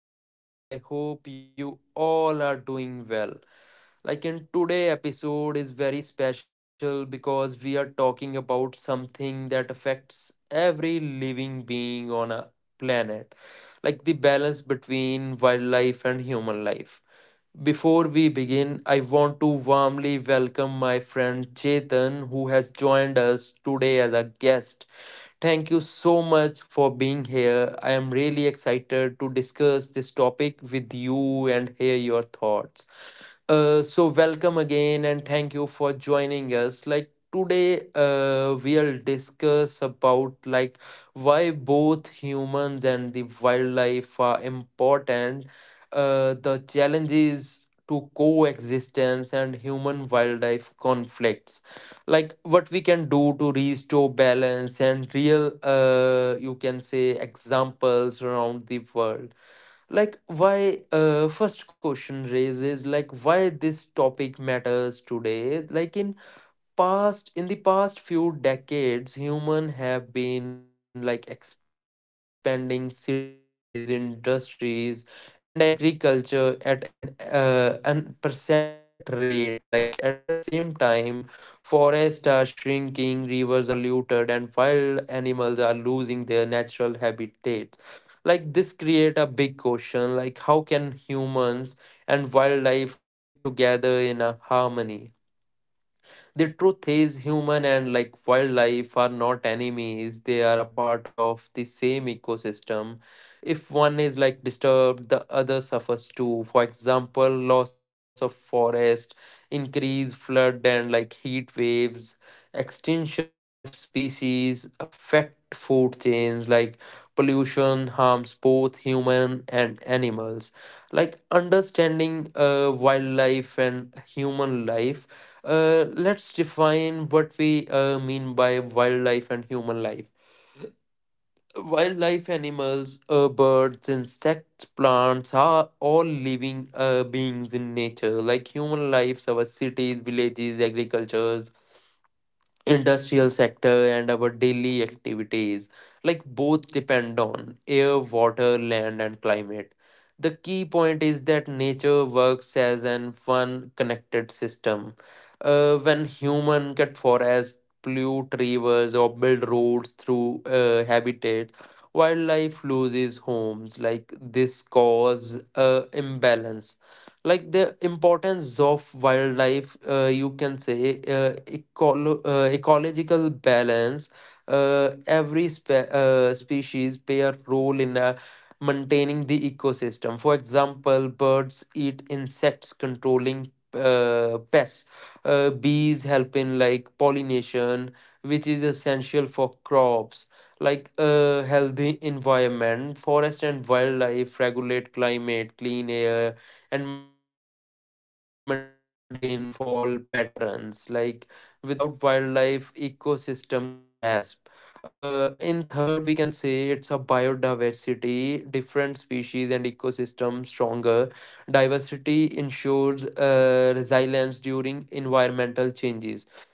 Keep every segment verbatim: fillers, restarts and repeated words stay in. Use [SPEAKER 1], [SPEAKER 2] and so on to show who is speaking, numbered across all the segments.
[SPEAKER 1] podcast. I hope you all are doing well. Like in today episode is very special because we are talking about something that affects every living being on a planet, like the balance between wildlife and human life. Before we begin, I want to warmly welcome my friend Chetan, who has joined us today as a guest. Thank you so much for being here. I am really excited to discuss this topic with you and hear your thoughts. Uh, so welcome again and thank you for joining us. Like today, uh, we'll discuss about like why both humans and the wildlife are important, uh, the challenges to coexistence and human wildlife conflicts, like what we can do to restore balance and real, uh you can say, examples around the world. Like why, uh, first question raises, like why this topic matters today. Like in past in the past few decades, humans have been like expanding cities, industries, and agriculture at an uh, unprecedented rate. Like at the same time, forests are shrinking, rivers are polluted, and wild animals are losing their natural habitats. Like this create a big question, like how can humans and wildlife live together in a harmony. The truth is, human and like wildlife are not enemies, they are a part of the same ecosystem. If one is like disturbed, the other suffers too. For example, loss of forest, increased flood and like heat waves, extinction of species affect food chains, like pollution harms both human and animals. Like understanding uh, wildlife and human life, uh, let's define what we uh, mean by wildlife and human life. Wildlife animals, uh, birds, insects, plants are all living uh, beings in nature. Like human lives, our cities, villages, agriculture, industrial sector, and our daily activities, like both depend on air, water, land, and climate. The key point is that nature works as an one connected system. Uh, when human cut forests, pollute rivers, or build roads through uh, habitat, wildlife loses homes. Like this cause uh, imbalance. Like the importance of wildlife, uh, you can say, uh, ecolo- uh, ecological balance. Uh, every spe- uh, species play a role in uh, maintaining the ecosystem. For example, birds eat insects, controlling uh, pests. Uh, bees help in like pollination, which is essential for crops. Like a healthy environment, forest and wildlife regulate climate, clean air, and maintain rainfall patterns. Like without wildlife, ecosystem collapse. Uh, in third, we can say it's a biodiversity, different species and ecosystem stronger. Diversity ensures uh, resilience during environmental changes.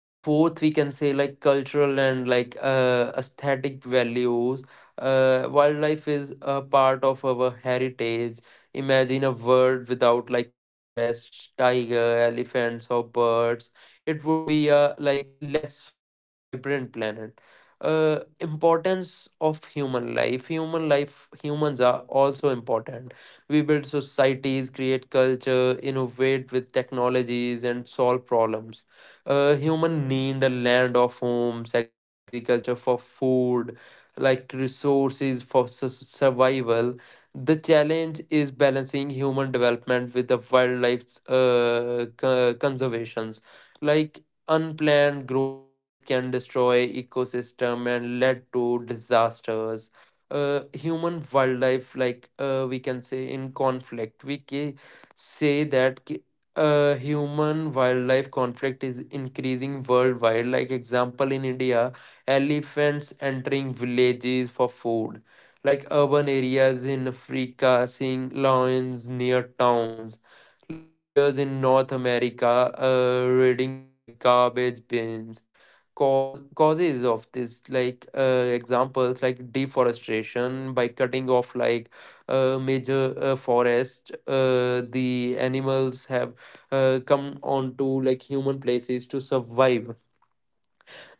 [SPEAKER 1] And fourth, we can say like cultural and like uh, aesthetic values. Uh, wildlife is a part of our heritage. Imagine a world without like forests, tiger, elephants, or birds. It would be a like less uh, vibrant planet. Uh, importance of human life. Human life humans are also important. We build societies, create culture, innovate with technologies, and solve problems. Uh, human need a land of homes, agriculture for food, like resources for su- survival. The challenge is balancing human development with the wildlife uh, co- conservations. Like unplanned growth can destroy ecosystem and lead to disasters. Uh, human wildlife, like uh, we can say in conflict, we ca- say that uh, human wildlife conflict is increasing worldwide. Like example, in India, elephants entering villages for food, like urban areas in Africa seeing lions near towns, like bears in North America uh, raiding like garbage bins. Cause causes of this, like uh, examples like deforestation, by cutting off like uh, major uh, forest, uh, the animals have uh, come on to like human places to survive.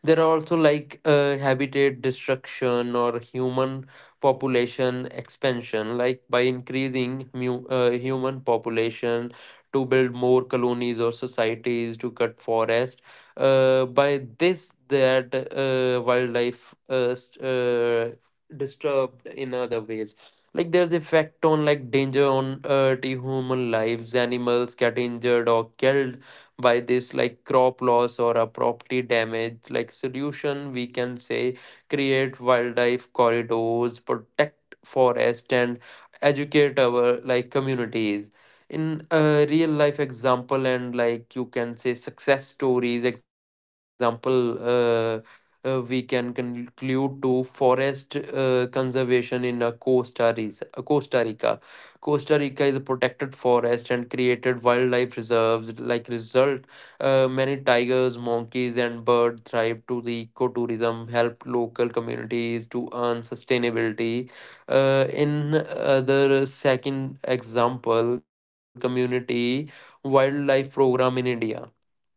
[SPEAKER 1] There are also like uh, habitat destruction or human population expansion, like by increasing mu- uh, human population to build more colonies or societies, to cut forest. Uh, by this, that uh, wildlife uh, st- uh, disturbed in other ways. Like there's effect on like danger on uh, to human lives, animals get injured or killed by this, like crop loss or a property damage. Like solution, we can say, create wildlife corridors, protect forest, and educate our like communities. In a real life example, and like you can say success stories. Example, uh, uh, we can conclude to forest uh, conservation in a Costa Rica. Costa Rica. Costa Rica is a protected forest and created wildlife reserves. Like result, uh, many tigers, monkeys, and birds thrive to the ecotourism, help local communities to earn sustainability. Uh, in other second example, community wildlife program in India,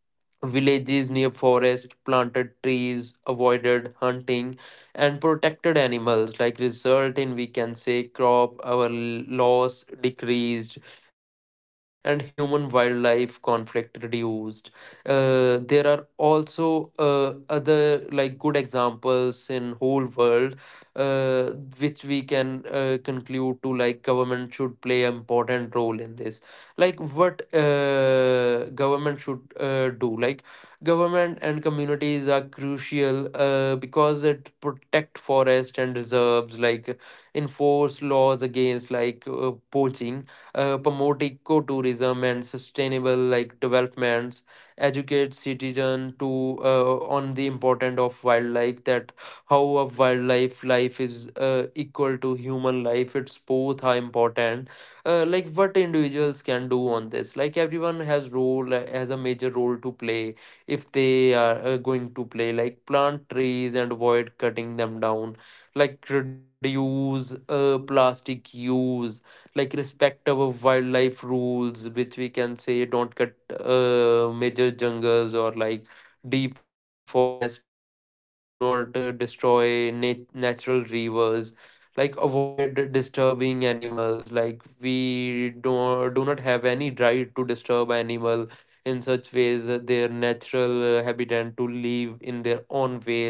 [SPEAKER 1] villages near forest planted trees, avoided hunting, and protected animals. Like result in, we can say, crop our loss decreased and human wildlife conflict reduced. Uh, there are also uh, other like good examples in whole world, uh, which we can uh, conclude to, like government should play an important role in this. Like what uh, government should uh, do, like government and communities are crucial, uh, because it protect forest and reserves, like enforce laws against like uh, poaching, uh, promote ecotourism and sustainable like developments, educate citizen to uh, on the importance of wildlife, that how a wildlife life is uh, equal to human life. It's both are important. Uh, like what individuals can do on this, like everyone has role, uh, has a major role to play. If they are uh, going to play, like plant trees and avoid cutting them down, like reduce uh, plastic use, like respect our wildlife rules, which we can say don't cut uh, major jungles or like deep forest, like do not uh, destroy nat- natural rivers, like avoid disturbing animals, like we don't do not have any right to disturb animal in such ways, that their natural uh, habitat to live in their own ways.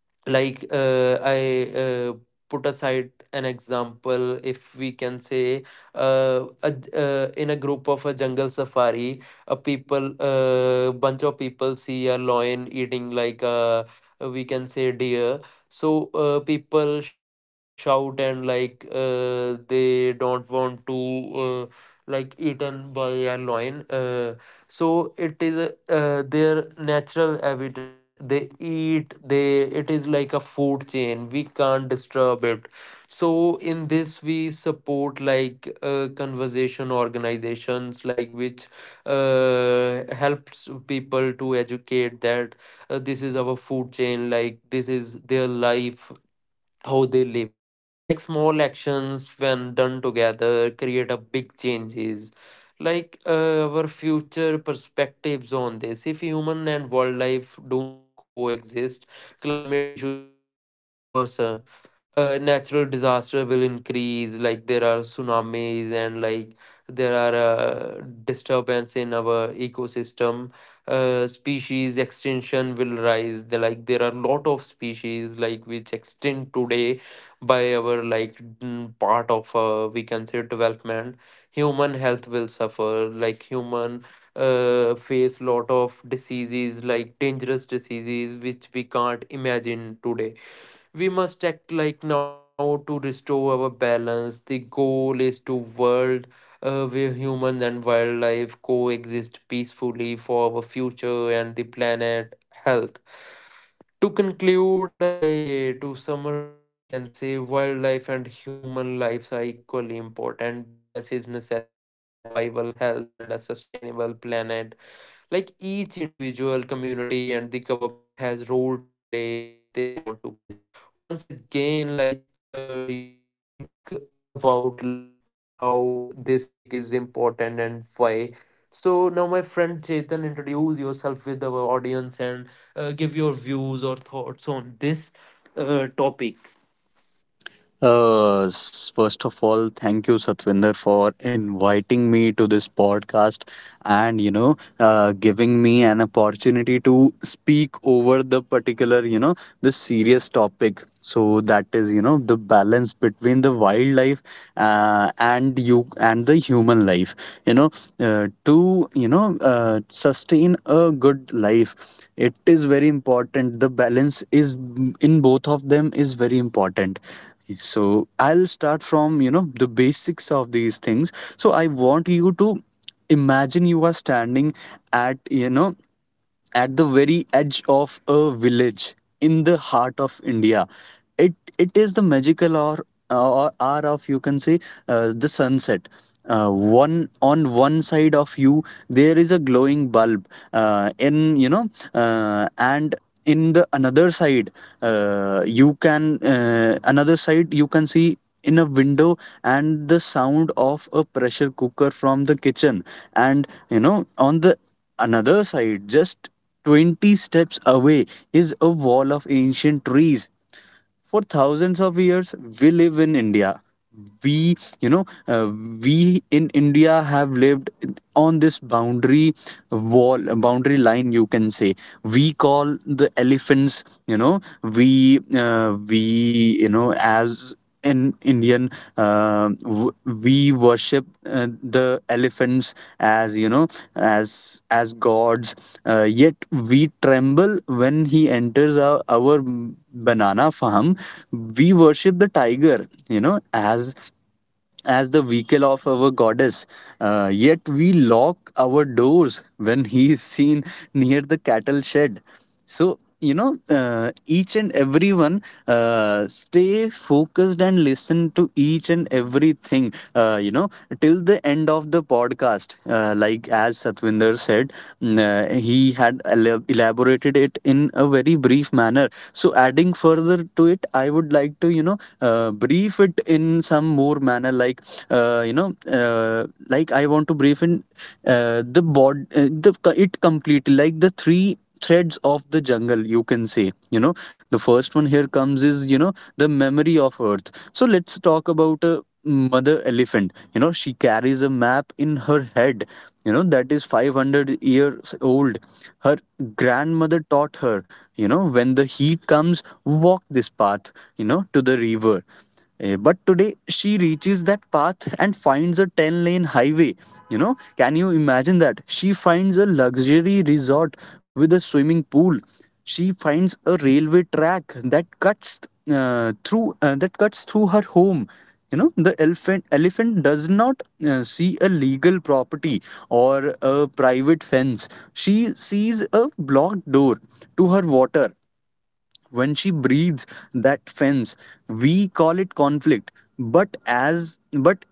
[SPEAKER 1] Like uh, i uh, put aside an example, if we can say, uh, a, j- uh, in a group of a jungle safari, a people, uh, bunch of people see a lion eating like a, we can say, deer. So uh, people shout and like uh, they don't want to uh, like eaten by a lion. Uh, so it is uh, their natural habitat, they eat, they it is like a food chain, we can't disturb it. So in this, we support like uh, conversation organizations, like which uh, helps people to educate that uh, this is our food chain, like this is their life, how they live. Like small actions when done together create a big changes. Like uh, our future perspectives on this, if human and wildlife do not coexist, climate issues will like worsen. Uh, natural disaster will increase, like there are tsunamis and like there are uh, disturbance in our ecosystem. Uh, species extinction will rise. The like there are lot of species like which extinct today by our like mm, part of uh, we can say development. Human health will suffer, like human uh, face lot of diseases, like dangerous diseases which we can't imagine today. We must act like now to restore our balance. The goal is to world uh, where humans and wildlife coexist peacefully for our future and the planet health. To conclude, I to summarize, we can say wildlife and human lives are equally important. Balance is necessary for survival, health, and a sustainable planet. Like each individual, community, and the government has role to play, if they want to play. Once again, like uh, you think about like that how this topic is important and why. So now my friend Chetan, introduce yourself with our audience and uh, give your views or thoughts on this uh, topic.
[SPEAKER 2] Uh, s- first of all, thank you, Satvinder, for inviting me to this podcast and, you know, uh, giving me an opportunity to speak over the particular, you know, the serious topic. So that is, you know, the balance between the wildlife uh, and you and the human life.
[SPEAKER 1] Like
[SPEAKER 2] You know, uh,
[SPEAKER 1] the
[SPEAKER 2] to you know uh, sustain a good life, it is very important. The balance is in both of them is very important, so I'll start from, you know, the basics of these things. So I want you to imagine you are standing at, you know, at the very edge of a village in the heart of India. It it is the magical hour or hour of, you can say, uh, the sunset. Uh, one on one side of you there is a glowing bulb uh, in you know uh, and in the another side, uh, you can uh, another side, you can see in a window and the sound of a pressure cooker from the kitchen. And you know, on the another side, just twenty steps away is a wall of ancient trees. For thousands of years, we live in India. We, you know, uh, we in India have lived on this boundary wall, boundary line, you can say. We call the elephants, you know, we, uh, we, you know, as an Indian um w- we worship uh, the elephants, as you know, as as gods, uh, yet we tremble when he enters our, our banana farm. We worship the tiger, you know, as as the vehicle of our goddess. Uh, yet we lock our doors when he is seen near the cattle shed. So, you know, uh, each and everyone, uh, stay focused and listen to each and everything, uh, you know, till the end of the podcast. Uh, like as Satvinder said, Mm. Uh, he had elab- elaborated it in a very brief manner. So, adding further to it, I would like to, you know, uh, brief it in some more manner, like, uh, you know, uh, like I want to brief in uh, the bod, uh, the it completely, like the three threads of the jungle, you can say, you know. The first one here comes is, you know, the memory of earth. So let's talk about a mother elephant. You know, she carries a map in her head, you know, that is five hundred years old. Her grandmother taught her, you know, when the heat comes, walk this path, you know, to the river. Eh, But today she reaches that path and finds a ten lane highway. You know, can you imagine that? She finds a luxury resort with a swimming pool. She finds a railway track that cuts uh, through uh, that cuts through her home. You know, the elephant elephant does not uh, see a legal property or a private fence. She sees a blocked door to her water. When she breathes that fence, we call it conflict. But as but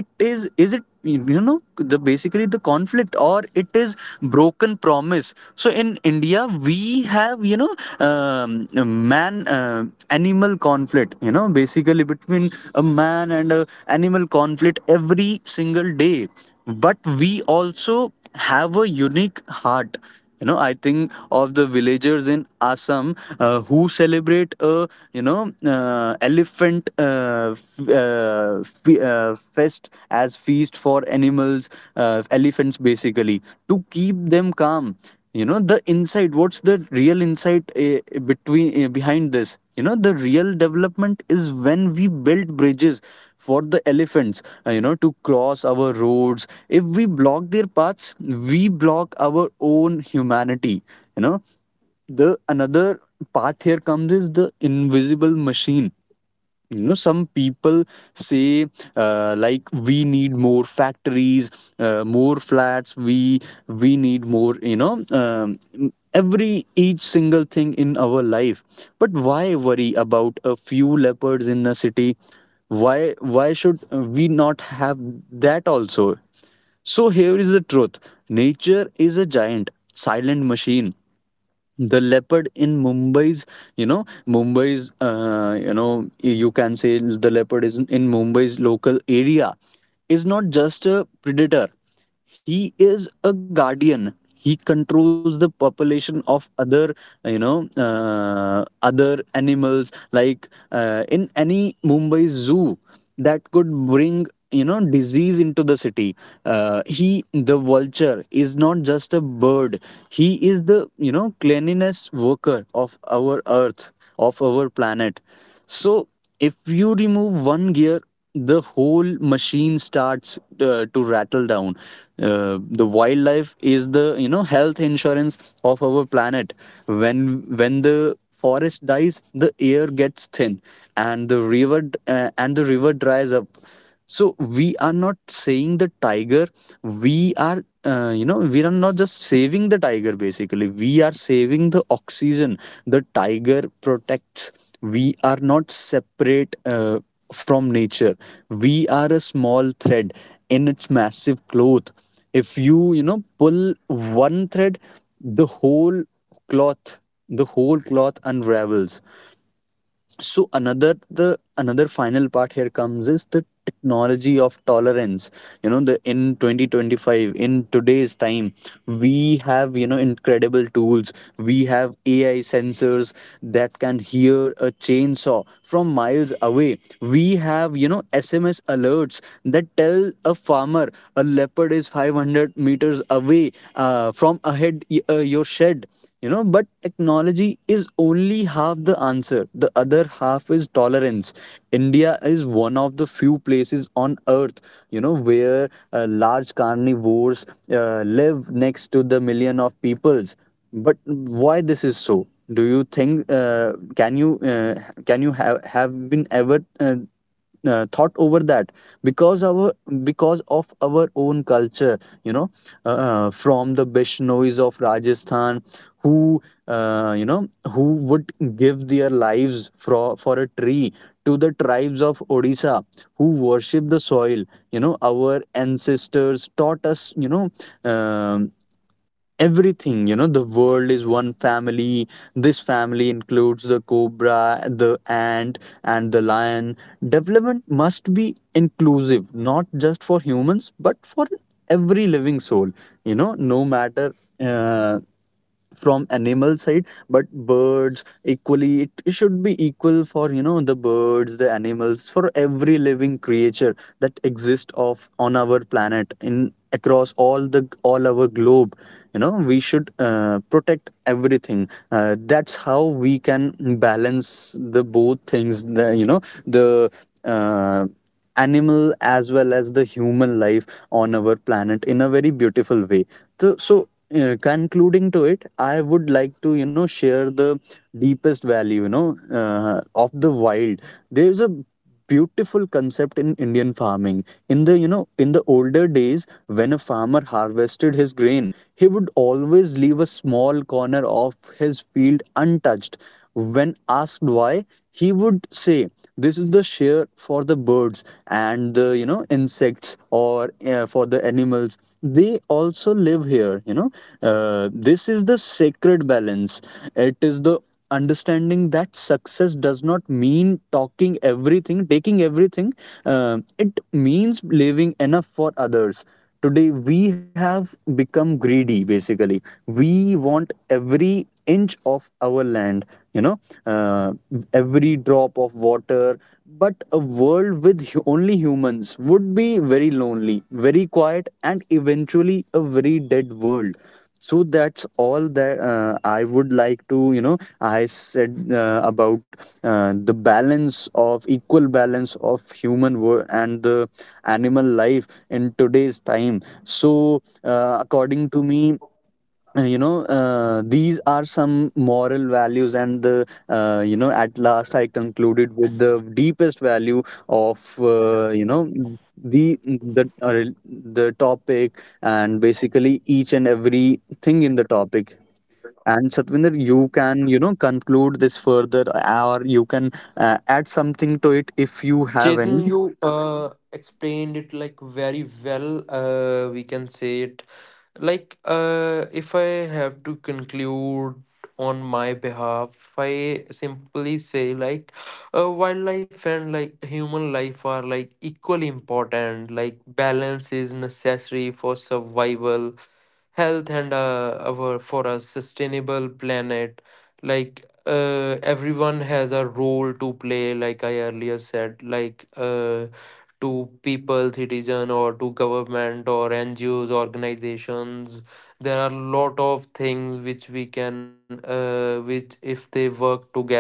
[SPEAKER 2] it, is is it you know, the basically the conflict, or it is broken promise? So in India, we have, you know, um, man uh, animal conflict, you know, basically between a man and a animal conflict every single day. But we also have a unique heart. You know, I think of the villagers in Assam uh, who celebrate a, you know, uh, elephant uh, f- uh, f- uh, fest as feast for animals, uh, elephants basically, to keep them calm. You know, the insight, what's the real insight, uh, between uh, behind this, you know, the real development is when we build bridges for the elephants, uh, you know, to cross our roads. If we block their paths, we block our own humanity. You know, the another part here comes is the invisible machine. You know, some people say, uh, like we need more factories, uh, more flats. We we need more, you know, um, every each single thing in our life. But why worry about a few leopards in the city? Why why should we not have that also? So here is the truth. Nature is a giant silent machine. The leopard in Mumbai's, you know, Mumbai's, uh, you know you can say the leopard is in Mumbai's local area, is not just a predator. He is a guardian. He controls the population of other, you know uh, other animals, like uh, in any Mumbai zoo, that could bring, you know, disease into the city. Uh, he The vulture is not just a bird. He is the, you know, cleanliness worker of our earth, of our planet. So if you remove one gear, the whole machine starts uh, to rattle down. Uh, the wildlife is the, you know, health insurance of our planet. When when the forest dies, the air gets thin and the river d- uh, and the river dries up. So we are not saying the tiger, we are uh, you know, we are not just saving the tiger, basically we are saving the oxygen. The tiger protects. We are not separate uh, from nature. We are a small thread in its massive cloth. If you, you know, pull one thread, the whole cloth the whole cloth unravels. So another the another final part here comes is the technology of tolerance. You know, the in twenty twenty-five, in today's time, we have, you know, incredible tools. We have AI sensors that can hear a chainsaw from miles away. We have, you know, SMS alerts that tell a farmer a leopard is five hundred meters away uh, from ahead uh, your shed. You know, but technology is only half the answer. The other half is tolerance. India is one of the few places on earth, you know, where uh, large carnivores uh, live next to the million of peoples. But why this is so? Do you think, uh, can you uh, can you have have been ever, uh, uh, thought over that? Because our, because of our own culture, you know, uh, uh, from the Bishnois of Rajasthan, who, uh, you know who would give their lives for for a tree, to the tribes of Odisha who worship the soil. You know, our ancestors taught us, you know, um everything. You know, the world is one family. This family includes the cobra, the ant, and the lion. Development must be inclusive, not just for humans but for every living soul. You know, no matter, uh, from animal side but birds equally, it should be equal for, you know, the birds, the animals, for every living creature that exists of on our planet in across all the all our globe. You know, we should uh, protect everything. Uh, that's how we can balance the both things, the, you know, the uh, animal as well as the human life on our planet in a very beautiful way. So, so, uh, concluding to it, I would like to, you know, share the deepest value, you know, uh, of the wild. There's a beautiful concept in Indian farming. In the, you know, in the older days, when a farmer harvested his grain, he would always leave a small corner of his field untouched. When asked why, he would say, "This is the share for the birds and the, you know, insects, or uh, for the animals. They also live here. You know, uh, this is the sacred balance. It is the understanding that success does not mean talking everything, taking everything. Um it means living enough for others." Today we have become greedy, basically. We want every inch of our land, you know, uh, every drop of water. But a world with hu- only humans would be very lonely, very quiet, and eventually a very dead world. So that's all that uh, I would like to, you know, I said uh, about uh, the balance of equal balance of human world and the animal life in today's time. So uh, according to me, uh, you know uh, these are some moral values, and the, uh, you know, at last I concluded with the deepest value of, uh, you know, the the uh, the topic, and basically each and every thing in the topic. And Satvinder, you can, you know, conclude this further, or you can uh, add something to it if you have
[SPEAKER 3] Chetan,
[SPEAKER 2] any.
[SPEAKER 3] you uh, explained it like very well. Uh, we can say it like uh, if I have to conclude on my behalf, I simply say like uh, wildlife and like human life are like equally important. Like balance is necessary for survival health and uh, our for a sustainable planet like uh, everyone has a role to play like I earlier said like uh, to people citizen or to government or ngos organizations there are lot of things which we can uh, which if they work together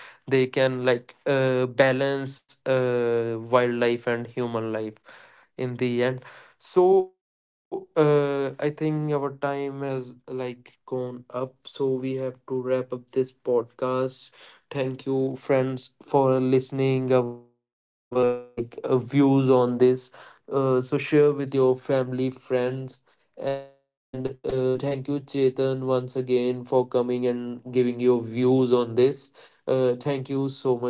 [SPEAKER 3] they can like uh, balance uh, wildlife and human life in the end. So uh, I think our time has like gone up. So we have to wrap up this podcast. Thank you, friends, for listening our like uh, views on this. Uh, so share with your family, friends, and uh, thank you, Chetan, once again for coming and giving your views on this. Uh, thank you so much, guys, for listening.